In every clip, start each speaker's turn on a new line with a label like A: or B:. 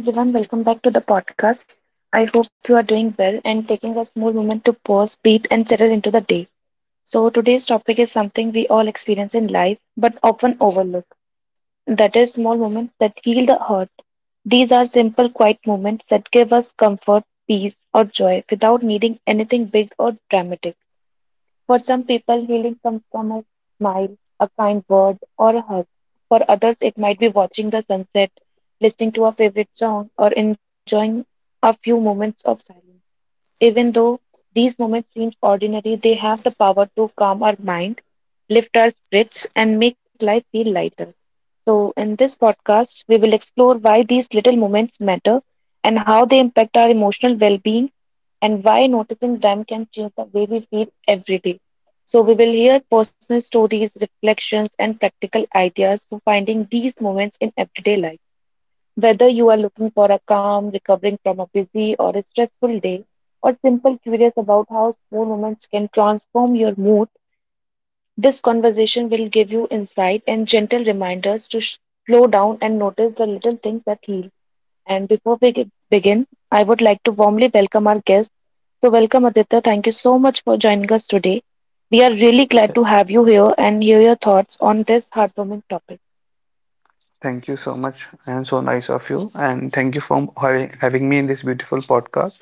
A: Hi everyone, welcome back to the podcast. I hope you are doing well and taking a small moment to pause, breathe, and settle into the day. So, today's topic is something we all experience in life but often overlook. That is, small moments that heal the heart. These are simple, quiet moments that give us comfort, peace, or joy without needing anything big or dramatic. For some people, healing comes from a smile, a kind word, or a hug. For others, it might be watching the sunset, listening to a favorite song, or enjoying a few moments of silence. Even though these moments seem ordinary, they have the power to calm our mind, lift our spirits, and make life feel lighter. So, in this podcast, we will explore why these little moments matter and how they impact our emotional well being, and why noticing them can change the way we feel every day. So, we will hear personal stories, reflections, and practical ideas for finding these moments in everyday life. Whether you are looking for a calm, recovering from a busy or a stressful day, or simply curious about how small moments can transform your mood, this conversation will give you insight and gentle reminders to slow down and notice the little things that heal. And before begin, I would like to warmly welcome our guest. So, welcome Aditya. Thank you so much for joining us today. We are really glad
B: Th-
A: to have you here and hear your thoughts on this heartwarming topic.
B: Thank you so much, and so nice of you. And thank you for having me in this beautiful podcast.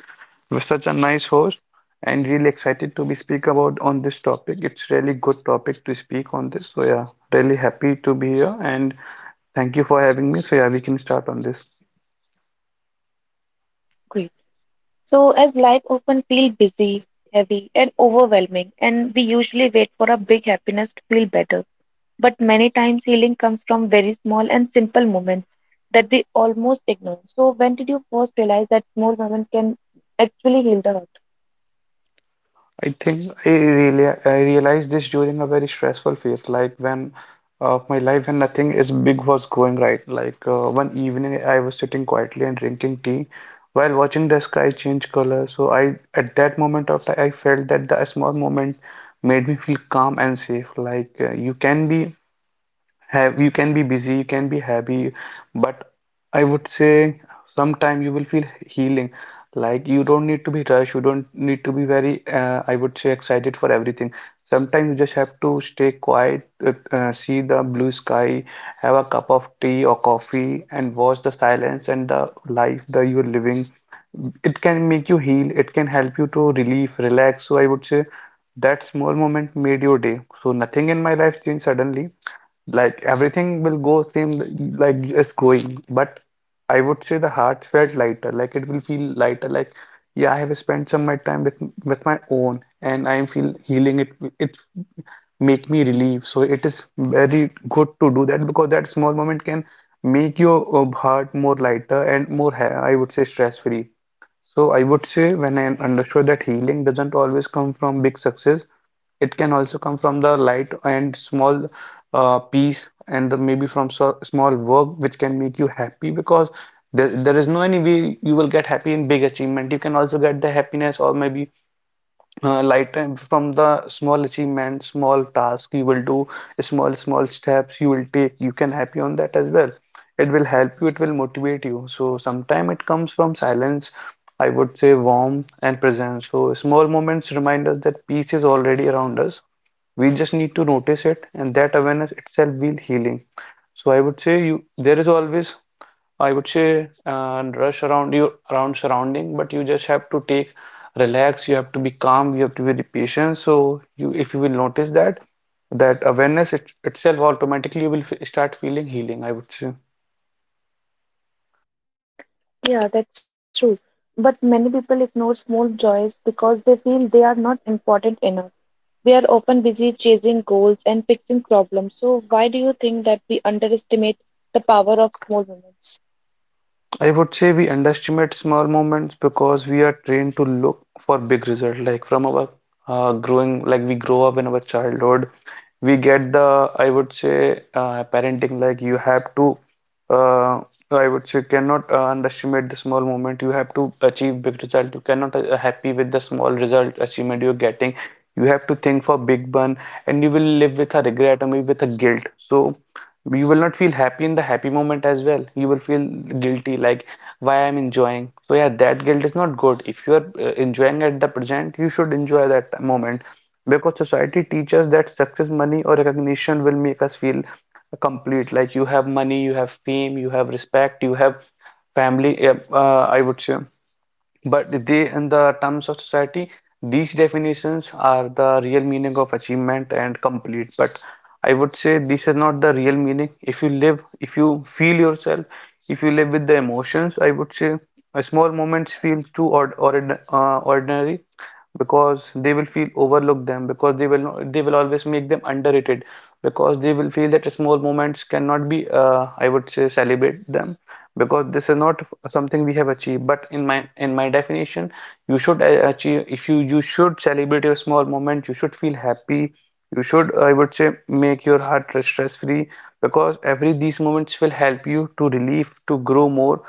B: You're such a nice host, and really excited to be speak about on this topic. It's really good topic to speak on this. So yeah, really happy to be here, and thank you for having me. So yeah, we can start on this.
A: Great. So, as life often feels busy, heavy, and overwhelming, and we usually wait for a big happiness to feel better. But many times, healing comes from very small and simple moments that we almost ignore. So, when did you first realize that small moments can actually heal the heart?
B: I think I realized this during a very stressful phase, like when of my life when nothing is big was going right. Like one evening I was sitting quietly and drinking tea while watching the sky change color. So I at that moment of time I felt that the small moment made me feel calm and safe. Like you can be have you can be busy, you can be happy, but I would say sometime you will feel healing. Like you don't need to be rushed, you don't need to be very I would say excited for everything. Sometimes you just have to stay quiet, see the blue sky, have a cup of tea or coffee, and watch the silence and the life that you're living. It can make you heal, it can help you to relieve, relax. So I would say that small moment made your day. So nothing in my life changed suddenly. Like everything will go same like it's going, but I would say the heart felt lighter. Like it will feel lighter. Like yeah, I have spent some my time with my own, and I am feel healing it. It make me relieve. So it is very good to do that because that small moment can make your heart more lighter and more ha I would say stress free. So I would say when I understood that healing doesn't always come from big success, it can also come from the light and small peace and maybe from so, small work which can make you happy because there is no any way you will get happy in big achievement. You can also get the happiness or maybe light time from the small achievement small task you will do small small steps you will take you can happy on that as well, it will help you, it will motivate you. So sometime it comes from silence, I would say warmth and presence. So small moments remind us that peace is already around us, we just need to notice it, and that awareness itself will healing. So I would say you there is always I would say rush around you around surrounding, but you just have to take relax. You have to be calm. You have to be patient. So you, if you will notice that awareness itself automatically you will f start feeling healing, I would say.
A: Yeah, that's true. But many people ignore small joys because they feel they are not important enough. We are often busy chasing goals and fixing problems. So, why do you think that we underestimate the power of small moments?
B: I would say we underestimate small moments because we are trained to look for big result. Like from our growing, like we grow up in our childhood, we get the, I would say, parenting. Like you have to, uh, I would say, cannot underestimate the small moment. You have to achieve big result. You cannot happy with the small result achievement you're getting, you have to think for big one, and you will live with a regret or maybe with a guilt. So you will not feel happy in the happy moment as well, you will feel guilty like why I'm enjoying. So yeah, that guilt is not good. If you are enjoying at the present, you should enjoy that moment because society teaches that success money or recognition will make us feel complete. Like you have money, you have fame, you have respect, you have family, I would say, but they, in the terms of society, these definitions are the real meaning of achievement and complete. But I would say this is not the real meaning. If you live, if you feel yourself, if you live with the emotions, I would say a small moments feel too ordinary because they will feel overlook them because they will not, they will always make them underrated because they will feel that small moments cannot be I would say celebrate them because this is not something we have achieved. But in my definition you should achieve, if you you should celebrate your small moment, you should feel happy, you should I would say make your heart stress free because every these moments will help you to relieve to grow more.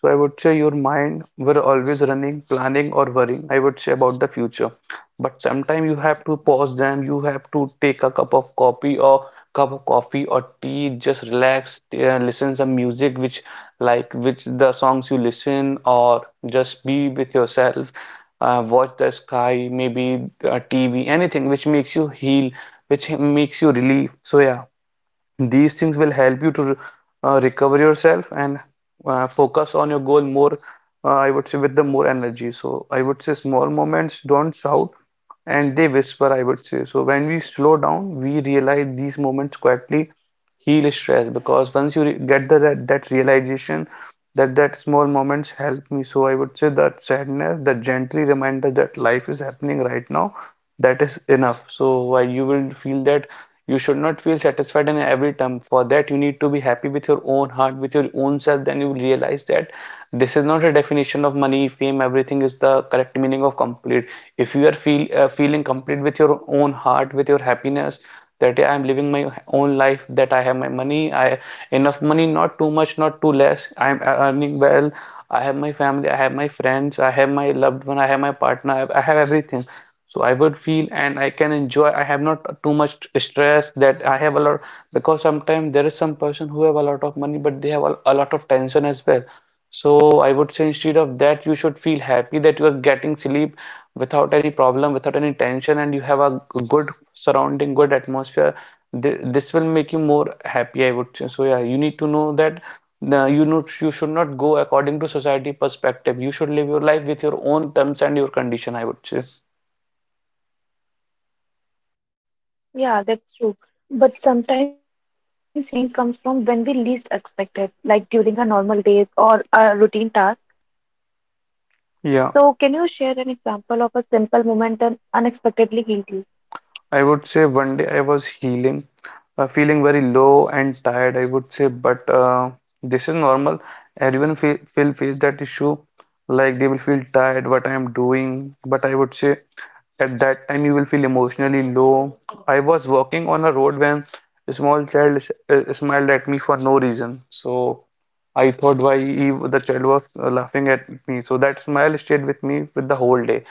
B: So I would say your mind were always running, planning or worrying, I would say about the future. But sometimes you have to pause them. You have to take a cup of coffee or tea. Just relax, listen some music which like which the songs you listen or just be with yourself. Watch the sky, maybe TV, anything which makes you heal, which makes you relief. So yeah. These things will help you to recover yourself and focus on your goal more, I would say, with the more energy. So I would say small moments don't shout and they whisper, I would say. So when we slow down, we realize these moments quietly heal stress because once you get the, that realization that small moments help me. So I would say that sadness the gently reminder that life is happening right now, that is enough. So why you will feel that you should not feel satisfied in every term? For that you need to be happy with your own heart, with your own self, then you will realize that this is not a definition of money fame, everything is the correct meaning of complete. If you are feel feeling complete with your own heart, with your happiness, that yeah, I'm living my own life, that I have my money, I enough money, not too much, not too less. I'm earning well. I have my family, I have my friends, I have my loved one, I have my partner, I have everything. So I would feel and I can enjoy. I have not too much stress that I have a lot because sometimes there is some person who have a lot of money but they have a lot of tension as well. So I would say instead of that, you should feel happy that you are getting sleep without any problem, without any tension, and you have a good surrounding, good atmosphere. Th This will make you more happy, I would say. So yeah, you need to know that you not you should not go according to society perspective. You should live your life with your own terms and your condition, I would say.
A: Yeah, that's true. But sometimes healing comes from when we least expect it, like during our normal days or a routine task.
B: Yeah,
A: So, can you share an example of a simple moment that unexpectedly healed you?
B: I would say one day I was healing, feeling very low and tired, I would say, but this is normal. Everyone feel face that issue, like they will feel tired, what I am doing. But I would say at that time you will feel emotionally low. I was walking on a road when a small child smiled at me for no reason. So I thought why he, the child was laughing at me. So that smile stayed with me with the whole day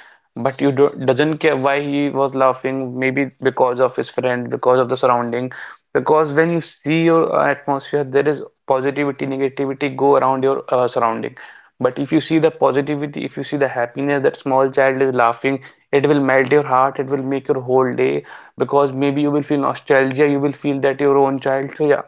B: but you not doesn't care why he was laughing, maybe because of his friend, because of the surrounding, because when you see your atmosphere there is positivity negativity go around your surrounding. But if you see the positivity, if you see the happiness that small child is laughing, it will melt your heart, it will make your whole day because maybe you will feel nostalgia, you will feel that your own child. So yeah,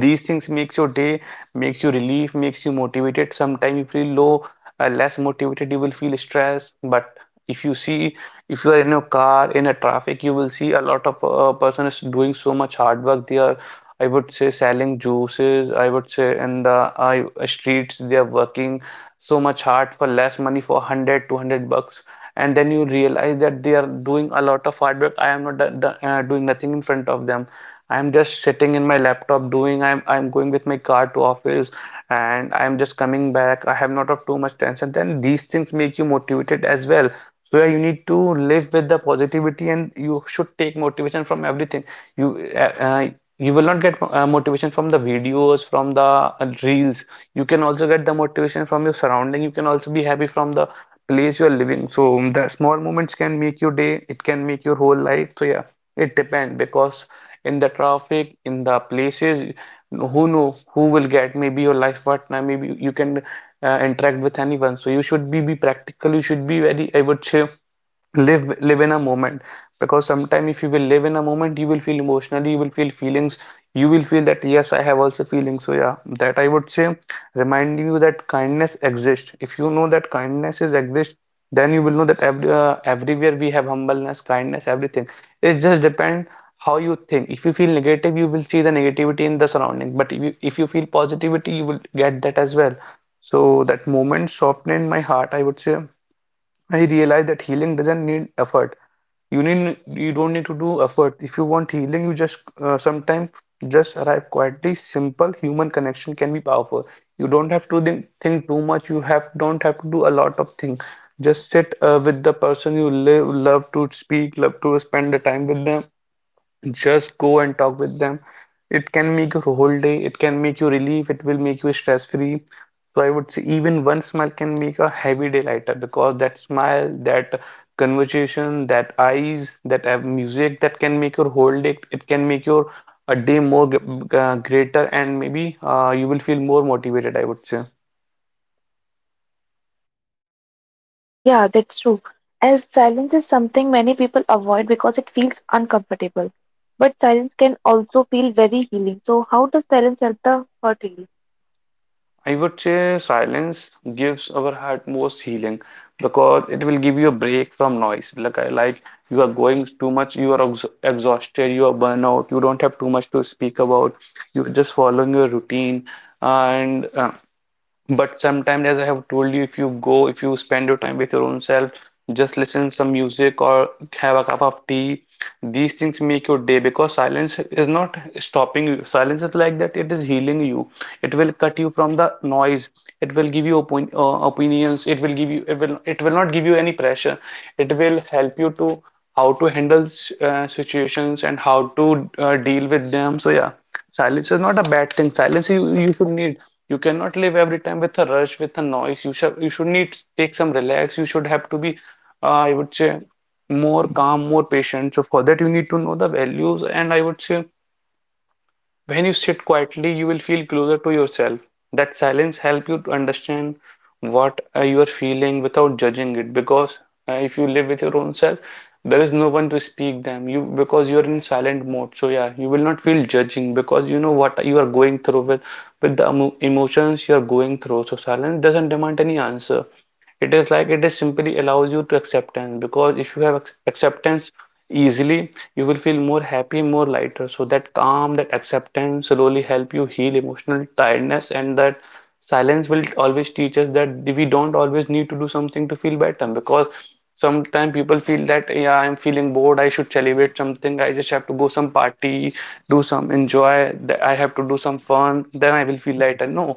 B: these things makes your day, makes you relief, makes you motivated. Sometimes you feel low, less motivated you will feel stressed. But if you see, if you are in your car in a traffic, you will see a lot of persons doing so much hard work there, I would say selling juices, I would say in the streets, they are working so much hard for less money, for 100 200 bucks. And then you realize that they are doing a lot of hard work. I am not doing nothing in front of them. I'm just sitting in my laptop doing, I'm going with my car to office and I'm just coming back. I have not of too much tension. Then these things make you motivated as well. So yeah, you need to live with the positivity, and you should take motivation from everything. You uh, uh, you will not get motivation from the videos, from the reels. You can also get the motivation from your surrounding. You can also be happy from the place you are living. The small moments can make your day. It can make your whole life. So yeah, it depends because in the traffic, in the places, who know who will get maybe your life partner. Maybe you can interact with anyone. So you should be practical. You should be very, I would say, live in a moment because sometime if you will live in a moment you will feel emotionally, you will feel feelings, you will feel that yes, I have also feelings. So yeah, that I would say, reminding you that kindness exists. If you know that kindness is exist, then you will know that everywhere we have humbleness, kindness, everything. It just depends how you think. If you feel negative, you will see the negativity in the surrounding. But if you feel positivity, you will get that as well. So that moment softened my heart, I would say. I realized that healing doesn't need effort. You don't need to do effort. If you want healing, you just sometimes just arrive quietly. Simple human connection can be powerful. You don't have to think too much. You have don't have to do a lot of things. Just sit with the person you live, love to speak, love to spend the time with them. Just go and talk with them. It can make your whole day, it can make you relief, it will make you stress free. So I would say even one smile can make a heavy day lighter, because that smile, that conversation, that eyes, that music, that can make your whole day. It can make your a day more greater, and maybe you will feel more motivated, I would say.
A: Yeah, that's true. As silence is something many people avoid because it feels uncomfortable. But silence can also feel very healing. So, how does silence help the hurt heal?
B: I would say silence gives our heart most healing because it will give you a break from noise. Like I like you are going too much, you are ex exhausted, you are burnout, you don't have too much to speak about. You're just following your routine, and but sometimes, as I have told you, if you go, if you spend your time with your own self, just listen some music or have a cup of tea. These things make your day because silence is not stopping you. Silence is like that, it is healing you. It will cut you from the noise. It will give you opinions. It will not give you any pressure. It will help you to how to handle situations and how to deal with them. So yeah. Silence is not a bad thing. Silence, you should need. You cannot live every time with a rush, with a noise. You should need take some relax. You should have to be, I would say, more calm, more patient. So for that you need to know the values, and I would say when you sit quietly, you will feel closer to yourself. That silence helps you to understand what you are feeling without judging it. Because if you live with your own self, there is no one to speak them. You, because you are in silent mode. So yeah, you will not feel judging because you know what you are going through with the emotions you are going through. So silence doesn't demand any answer, it is like it is simply allows you to acceptance. Because if you have acceptance, easily you will feel more happy, more lighter. So that calm, that acceptance slowly help you heal emotional tiredness. And that silence will always teach us that we don't always need to do something to feel better, because sometimes people feel that, yeah, I'm feeling bored, I should celebrate something, I just have to go some party, do some enjoy, that I have to do some fun, then I will feel lighter. No.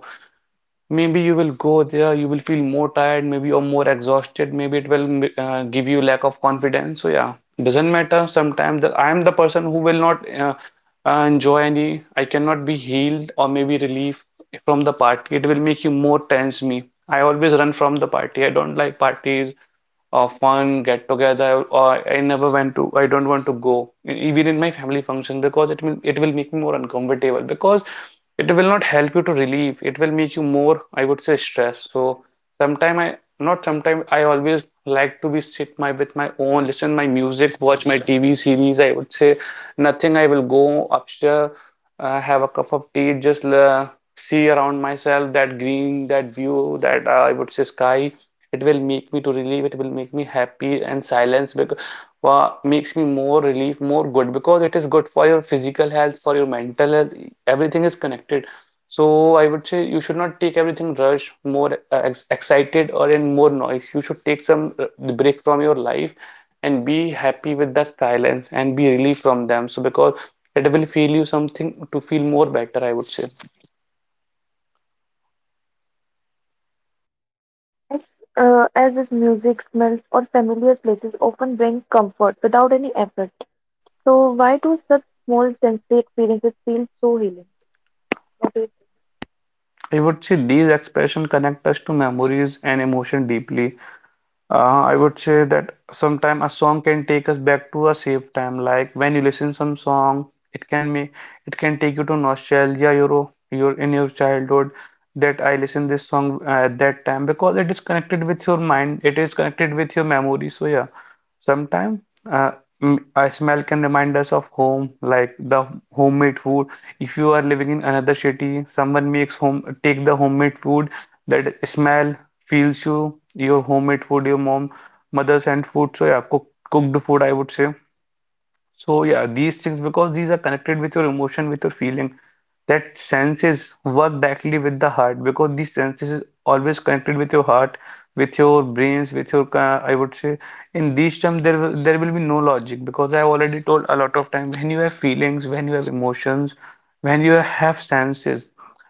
B: Maybe you will go there, you will feel more tired, maybe you're more exhausted, maybe it will give you lack of confidence. So yeah, doesn't matter sometimes I am the person who will not enjoy any, I cannot be healed or maybe relief from the party, it will make you more tense. Me, I always run from the party, I don't like parties or fun get together, or I never went to, I don't want to go even in my family function, because it will, it will make me more uncomfortable, because it will not help you to relieve, it will make you more, I would say, stressed. So Sometime I not sometime I always like to be sit my with my own, listen my music, watch my TV series. I would say nothing. I will go upstairs, have a cup of tea, just see around myself, that green, that view, that I would say sky. It will make me to relieve. It will make me happy. And silence, because makes me more relief, more good, because it is good for your physical health, for your mental health. Everything is connected. So I would say you should not take everything rush, more ex excited, or in more noise. You should take some break from your life and be happy with that silence and be relieved from them. So because it will feel you something to feel more better, I would say.
A: As, as if music, smells, or familiar places often bring comfort without any effort. So, why do such small sensory experiences feel so healing? What do you think?
B: I would say these expressions connect us to memories and emotion deeply. I would say that sometime a song can take us back to a safe time. Like when you listen some song, it can make, it can take you to nostalgia. You're in your childhood, that I listen this song at that time, because it is connected with your mind. It is connected with your memory. So yeah, sometimes uh, a smell can remind us of home, like the homemade food. If you are living in another city, someone makes home, take the homemade food, that smell feels you, your homemade food, your mother sent food. So yeah, cooked food, I would say. So yeah, these things, because these are connected with your emotion, with your feeling, that senses work directly with the heart, because these senses is always connected with your heart, with your brains, with your I would say, in these terms there there will be no logic, because I have already told a lot of times, when you have feelings, when you have emotions, when you have senses,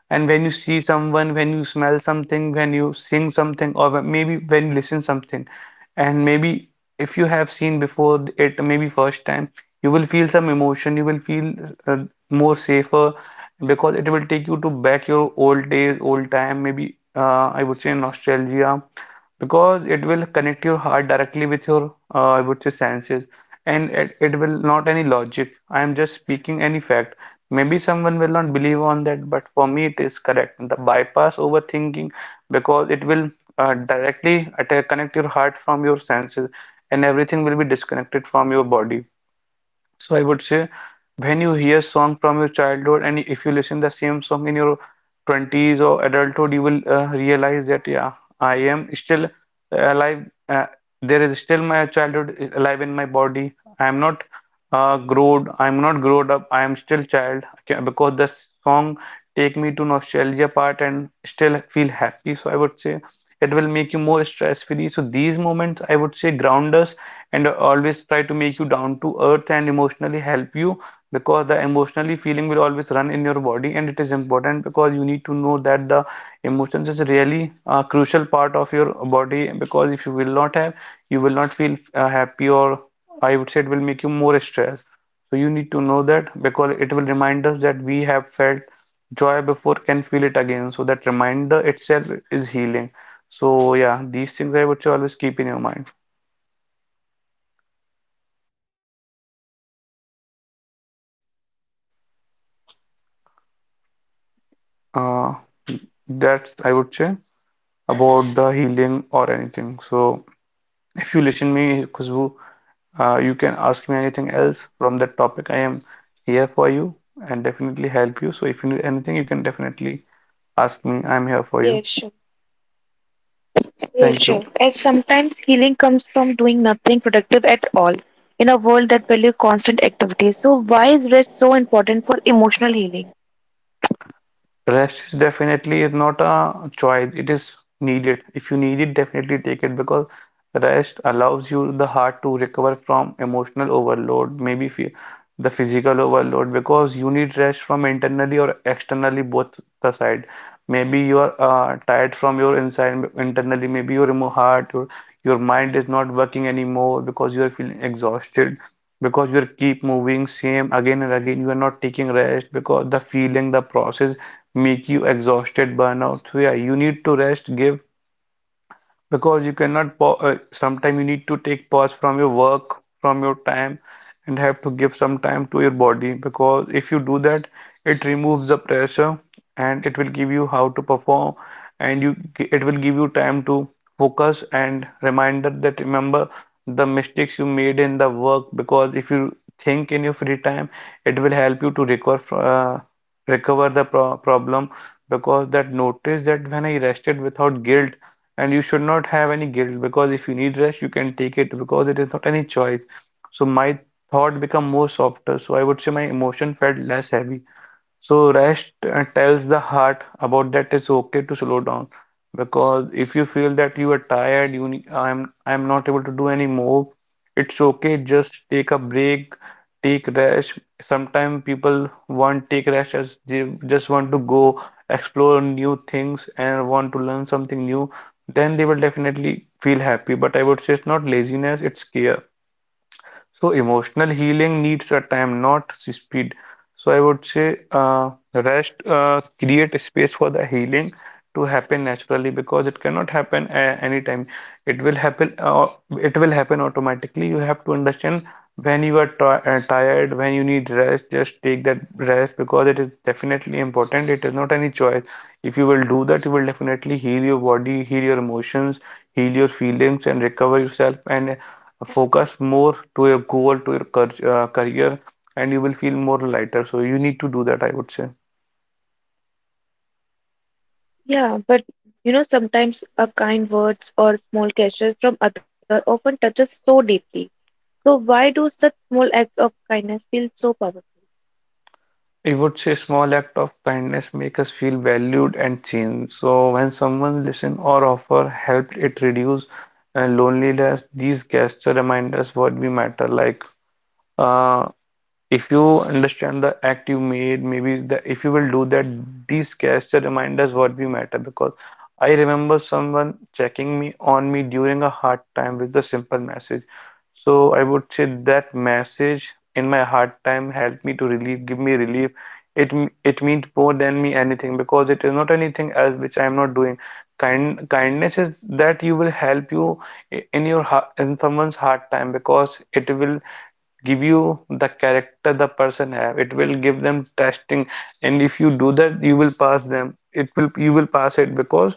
B: and when you see someone, when you smell something, when you sing something, or when, maybe when you listen something, and maybe if you have seen before it, maybe first time, you will feel some emotion, you will feel uh, more safer, because it will take you to back your old days, old time, maybe I would say nostalgia, because it will connect your heart directly with your I would say senses. And it will not any logic, I am just speaking any fact. Maybe someone will not believe on that, but for me it is correct, the bypass overthinking, because it will directly atta- connect your heart from your senses, and everything will be disconnected from your body. So I would say, when you hear song from your childhood, and if you listen the same song in your 20s or adulthood, you will realize that, yeah, I am still alive. There is still my childhood alive in my body. I am not grown. I am not grown up. I am still child. Okay, because the song take me to nostalgia part, and still feel happy. So I would say it will make you more stress free. So these moments, I would say, ground us, and always try to make you down to earth, and emotionally help you, because the emotionally feeling will always run in your body, and it is important, because you need to know that the emotions is really a crucial part of your body, because if you will not have, you will not feel happy, or I would say it will make you more stressed. So you need to know that, because it will remind us that we have felt joy before, can feel it again. So that reminder itself is healing. So yeah, these things I would say, always keep in your mind, uh, that's I would say about the healing or anything. So if you listen me, Khushbu, you can ask me anything else from that topic. I am here for you, and definitely help you. So if you need anything, you can definitely ask me. I'm here for
A: Yeah, yeah,
B: you.
A: sure. Yeah,
B: Thank you.
A: sure. As sometimes healing comes from doing nothing productive at all in a world that values constant activity. So why is rest so important for emotional healing?
B: Rest is definitely is not a choice, it is needed. If you need it, definitely take it because rest allows you the heart to recover from emotional overload, maybe the physical overload, because you need rest from internally or externally both the side. Maybe you are tired from your inside internally, maybe your heart, your mind is not working anymore because you are feeling exhausted, because you are keep moving same again and again, you are not taking rest because the feeling, the process make you exhausted, burnout. So yeah, you need to rest, give, because you cannot pa- sometime you need to take pause from your work, from your time, and have to give some time to your body, because if you do that, it removes the pressure and it will give you how to perform and you, it will give you time to focus and reminder, that remember the mistakes you made in the work, because if you think in your free time, it will help you to recover the problem, because that notice, that when I rested without guilt, and you should not have any guilt, because if you need rest you can take it, because it is not any choice. So my thought become more softer, so I would say my emotion felt less heavy. So rest tells the heart about that it's okay to slow down, because if you feel that you are tired, I'm not able to do any more, it's okay. Just take a break, take rest. Sometimes people want take rest as they just want to go explore new things and want to learn something new. Then they will definitely feel happy. But I would say it's not laziness, it's care. So emotional healing needs a time, not speed. So I would say rest, create a space for the healing to happen naturally, because it cannot happen anytime. It will happen. It will happen automatically. You have to understand when you are ti tired, when you need rest. Just take that rest because it is definitely important. It is not any choice. If you will do that, you will definitely heal your body, heal your emotions, heal your feelings, and recover yourself. And focus more to your goal, to your career, and you will feel more lighter. So you need to do that, I would say.
A: Yeah, but you know, sometimes a kind words or small gestures from other often touches so deeply. So why do such small acts of kindness feel so powerful?
B: I would say small act of kindness make us feel valued and seen. So when someone listen or offer help, it reduce loneliness. These gestures remind us what we matter. Like uh, if you understand the act you made, maybe the, if you will do that, these gesture reminders what we matter, because I remember someone checking me on me during a hard time with a simple message. So I would say that message in my hard time helped me to relieve, give me relief. It means more than me anything, because it is not anything else which I am not doing. Kindness is that you will help you, in your heart, in someone's hard time, because it will give you the character the person have, it will give them testing. And if you do that, you will pass them, it will, you will pass it. Because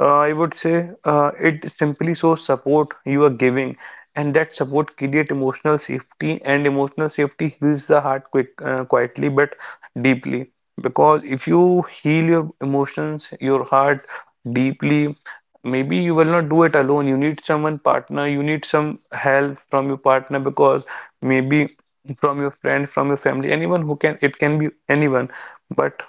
B: I would say it simply shows support you are giving, and that support create emotional safety, and emotional safety heals the heart quick, quietly but deeply. Because if you heal your emotions, your heart deeply, maybe you will not do it alone. You need someone partner. You need some help from your partner, because maybe from your friend, from your family, anyone who can, it can be anyone, but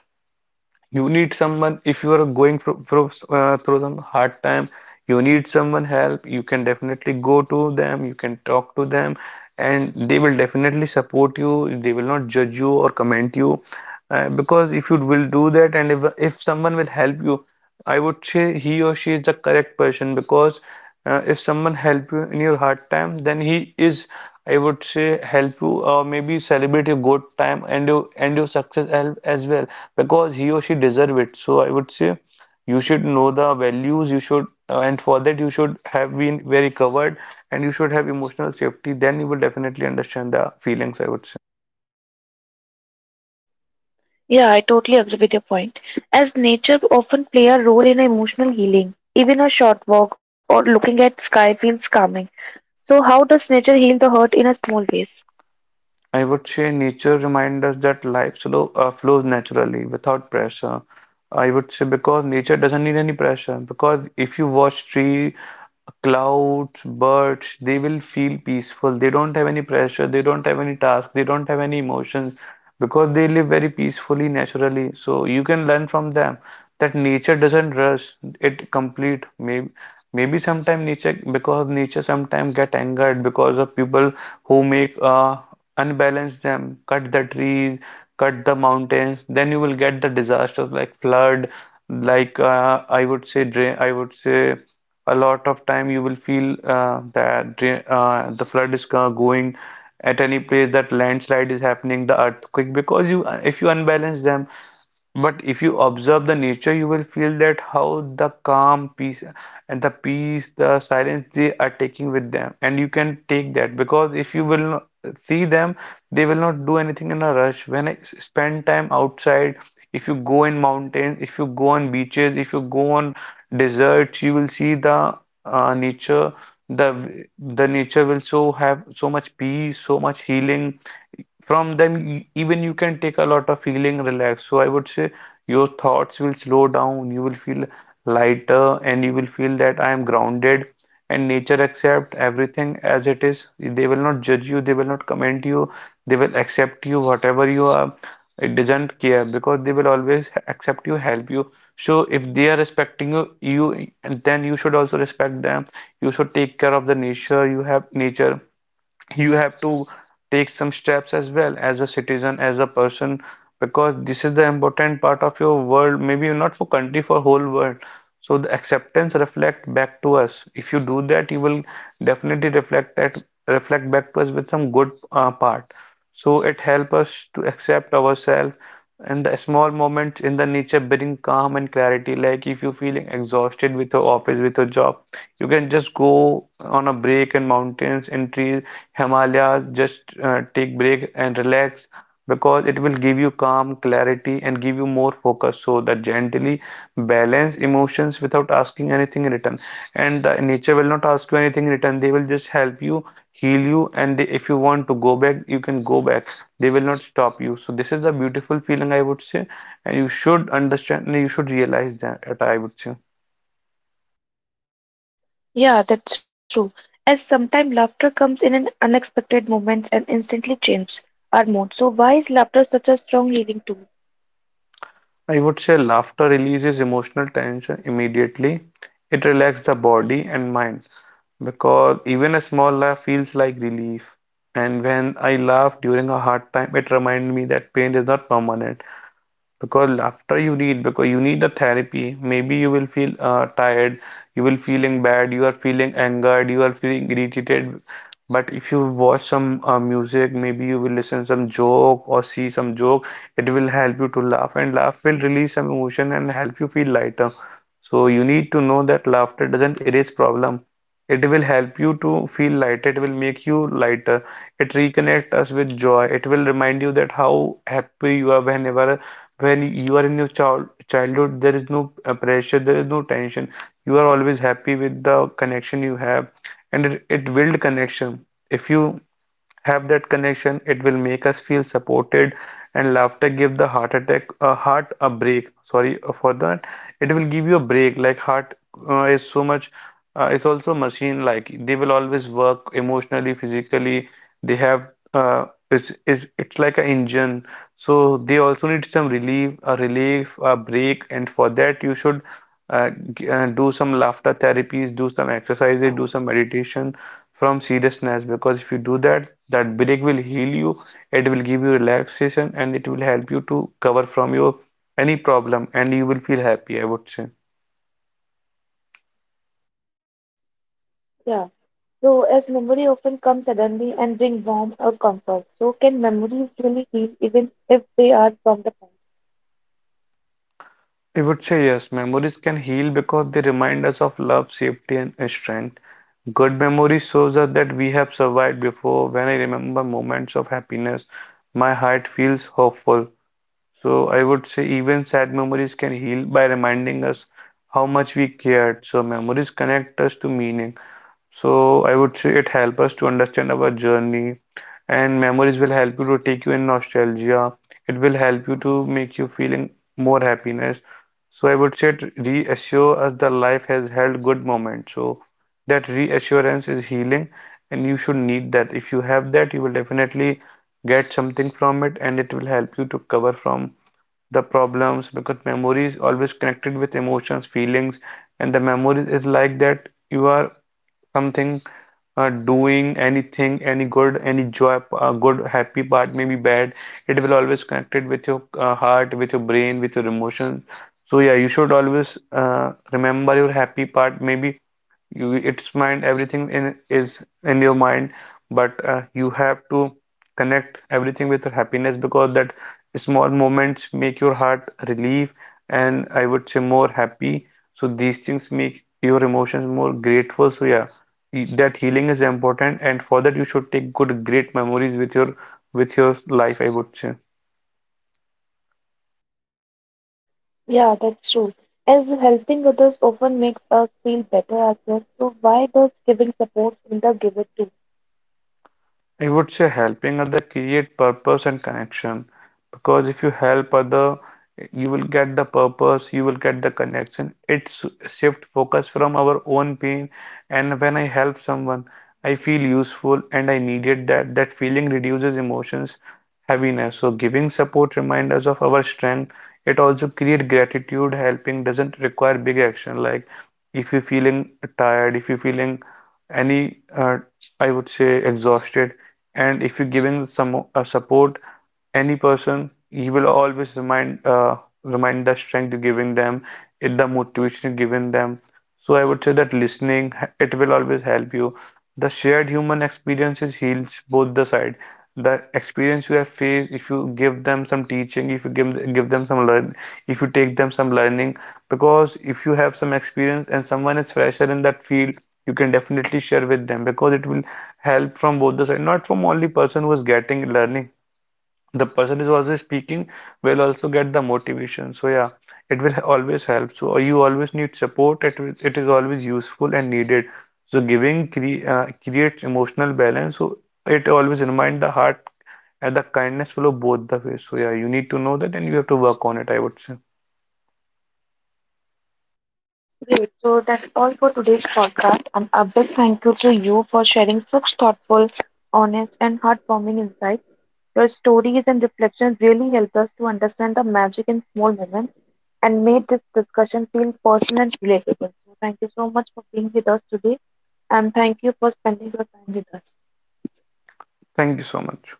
B: you need someone if you are going through some hard time. You need someone help. You can definitely go to them. You can talk to them, and they will definitely support you. They will not judge you or comment you, because if you will do that, and if someone will help you, I would say he or she is the correct person, because if someone help you in your hard time, then he is, I would say, help you or maybe celebrate your good time and your success as well, because he or she deserve it. So I would say you should know the values, you should, and for that you should have been very covered and you should have emotional safety. Then you will definitely understand the feelings, I would say.
A: Yeah, I totally agree with your point. As nature often play a role in emotional healing, even a short walk or looking at sky feels calming. So how does nature heal the hurt in a small ways?
B: I would say nature reminds us that life slow, flows naturally without pressure. I would say, because nature doesn't need any pressure. Because if you watch tree, clouds, birds, they will feel peaceful. They don't have any pressure. They don't have any task. They don't have any emotions, because they live very peacefully, naturally. So you can learn from them that nature doesn't rush it complete. Maybe, sometime nature, because nature sometimes get angered because of people who make unbalance them, cut the trees, cut the mountains, then you will get the disasters like flood, like I would say drain, I would say a lot of time you will feel that the flood is going at any place, that landslide is happening, the earthquake, because you, if you unbalance them. But if you observe the nature, you will feel that how the calm, peace, and the peace, the silence they are taking with them. And you can take that, because if you will not see them, they will not do anything in a rush. When I spend time outside, if you go in mountains, if you go on beaches, if you go on deserts, you will see the nature. The nature will so have so much peace, so much healing, from them. Even you can take a lot of feeling relaxed. So I would say your thoughts will slow down, you will feel lighter, and you will feel that I am grounded. And nature accept everything as it is. They will not judge you, they will not comment you, they will accept you whatever you are. It doesn't care, because they will always accept you, help you. So if they are respecting you, you, then you should also respect them. You should take care of the nature. You have nature, you have to take some steps as well, as a citizen, as a person, because this is the important part of your world, maybe not for country, for whole world. So the acceptance reflect back to us. If you do that, you will definitely reflect that, reflect back to us with some good part. So it helps us to accept ourselves, and the small moments in the nature bring calm and clarity. Like if you're feeling exhausted with your office, with your job, you can just go on a break in mountains and trees, Himalayas, just take break and relax, because it will give you calm, clarity, and give you more focus, so that gently balance emotions without asking anything in return. And the nature will not ask you anything in return, they will just help you, heal you, and they, if you want to go back, you can go back. They will not stop you. So, this is the beautiful feeling, I would say, and you should understand and you should realize that, I would say.
A: Yeah, that's true. As sometimes laughter comes in an unexpected moments and instantly changes our mood. So why is laughter such a strong healing tool?
B: I would say laughter releases emotional tension immediately. It relaxes the body and mind, because even a small laugh feels like relief. And when I laugh during a hard time, it reminds me that pain is not permanent because after you read because you need the therapy, maybe you will feel tired, you will feeling bad, you are feeling angered, you are feeling irritated. But if you watch some music, maybe you will listen some joke or see some joke, it will help you to laugh, and laugh will release some emotion and help you feel lighter. So you need to know that laughter doesn't erase problem, it will help you to feel lighter, it will make you lighter. It reconnect us with joy, it will remind you that how happy you are whenever when you are in your childhood there is no pressure, there is no tension, you are always happy with the connection you have. And it build connection. If you have that connection, it will make us feel supported. And laughter give the heart attack a heart a break, sorry for that. It will give you a break like heart is so much, is also machine, like they will always work emotionally, physically. They have uh, it's like an engine. So they also need some relief, a relief, a break. And for that you should do some laughter therapies, do some exercises, do some meditation from seriousness. Because if you do that, that break will heal you, it will give you relaxation, and it will help you to cover from your any problem, and you will feel happy, I would say.
A: Yeah. So as memory often comes suddenly and bring warmth or comfort. So can memories really heal even if they are from the past?
B: I would say yes, memories can heal because they remind us of love, safety, and strength. Good memories shows us that we have survived before. When I remember moments of happiness, my heart feels hopeful. So I would say even sad memories can heal by reminding us how much we cared. So memories connect us to meaning. So I would say it helps us to understand our journey, and memories will help you to take you in nostalgia. It will help you to make you feeling more happiness. So I would say it reassure us that life has held good moments. So that reassurance is healing, and you should need that. If you have that, you will definitely get something from it, and it will help you to cover from the problems. Because memory is always connected with emotions, feelings, and the memory is like that you are something doing anything, any good, any joy, good, happy part, maybe bad. It will always connected with your heart, with your brain, with your emotion. So yeah, you should always remember your happy part. Maybe you it's mind everything in is in your mind, but you have to connect everything with your happiness, because that small moments make your heart relieve, and I would say more happy. So these things make your emotions more grateful. So yeah, that healing is important, and for that you should take good great memories with your life, I would say.
A: Yeah, that's true. As helping others often makes us feel better ourselves, so why does giving support Linda give it too?
B: I would say helping other create purpose and connection, because if you help other, you will get the purpose, you will get the connection. It's shift focus from our own pain, and when I help someone, I feel useful and I needed that. That feeling reduces emotions heaviness. So giving support reminds us of our strength. It also creates gratitude. Helping doesn't require big action. Like if you're feeling tired, if you're feeling any, I would say exhausted, and if you're giving some support any person, he will always remind the strength you're giving them, it the motivation you're giving them. So I would say that listening, it will always help you. The shared human experiences heals both the side. The experience you have faced, if you give them some teaching, if you give them some learn, if you take them some learning, because if you have some experience and someone is fresher in that field, you can definitely share with them, because it will help from both the side, not from only person who is getting learning, the person is also speaking will also get the motivation. So yeah, it will always help. So you always need support, it is always useful and needed. So giving creates emotional balance. So it always remind the heart, and the kindness flow both the ways. So yeah, you need to know that, and you have to work on it, I would say.
A: Great. So that's all for today's podcast, and a big thank you to you for sharing such thoughtful, honest, and heartwarming insights. Your stories and reflections really help us to understand the magic in small moments and made this discussion feel personal and relatable. So thank you so much for being with us today, and thank you for spending your time with us.
B: Thank you so much.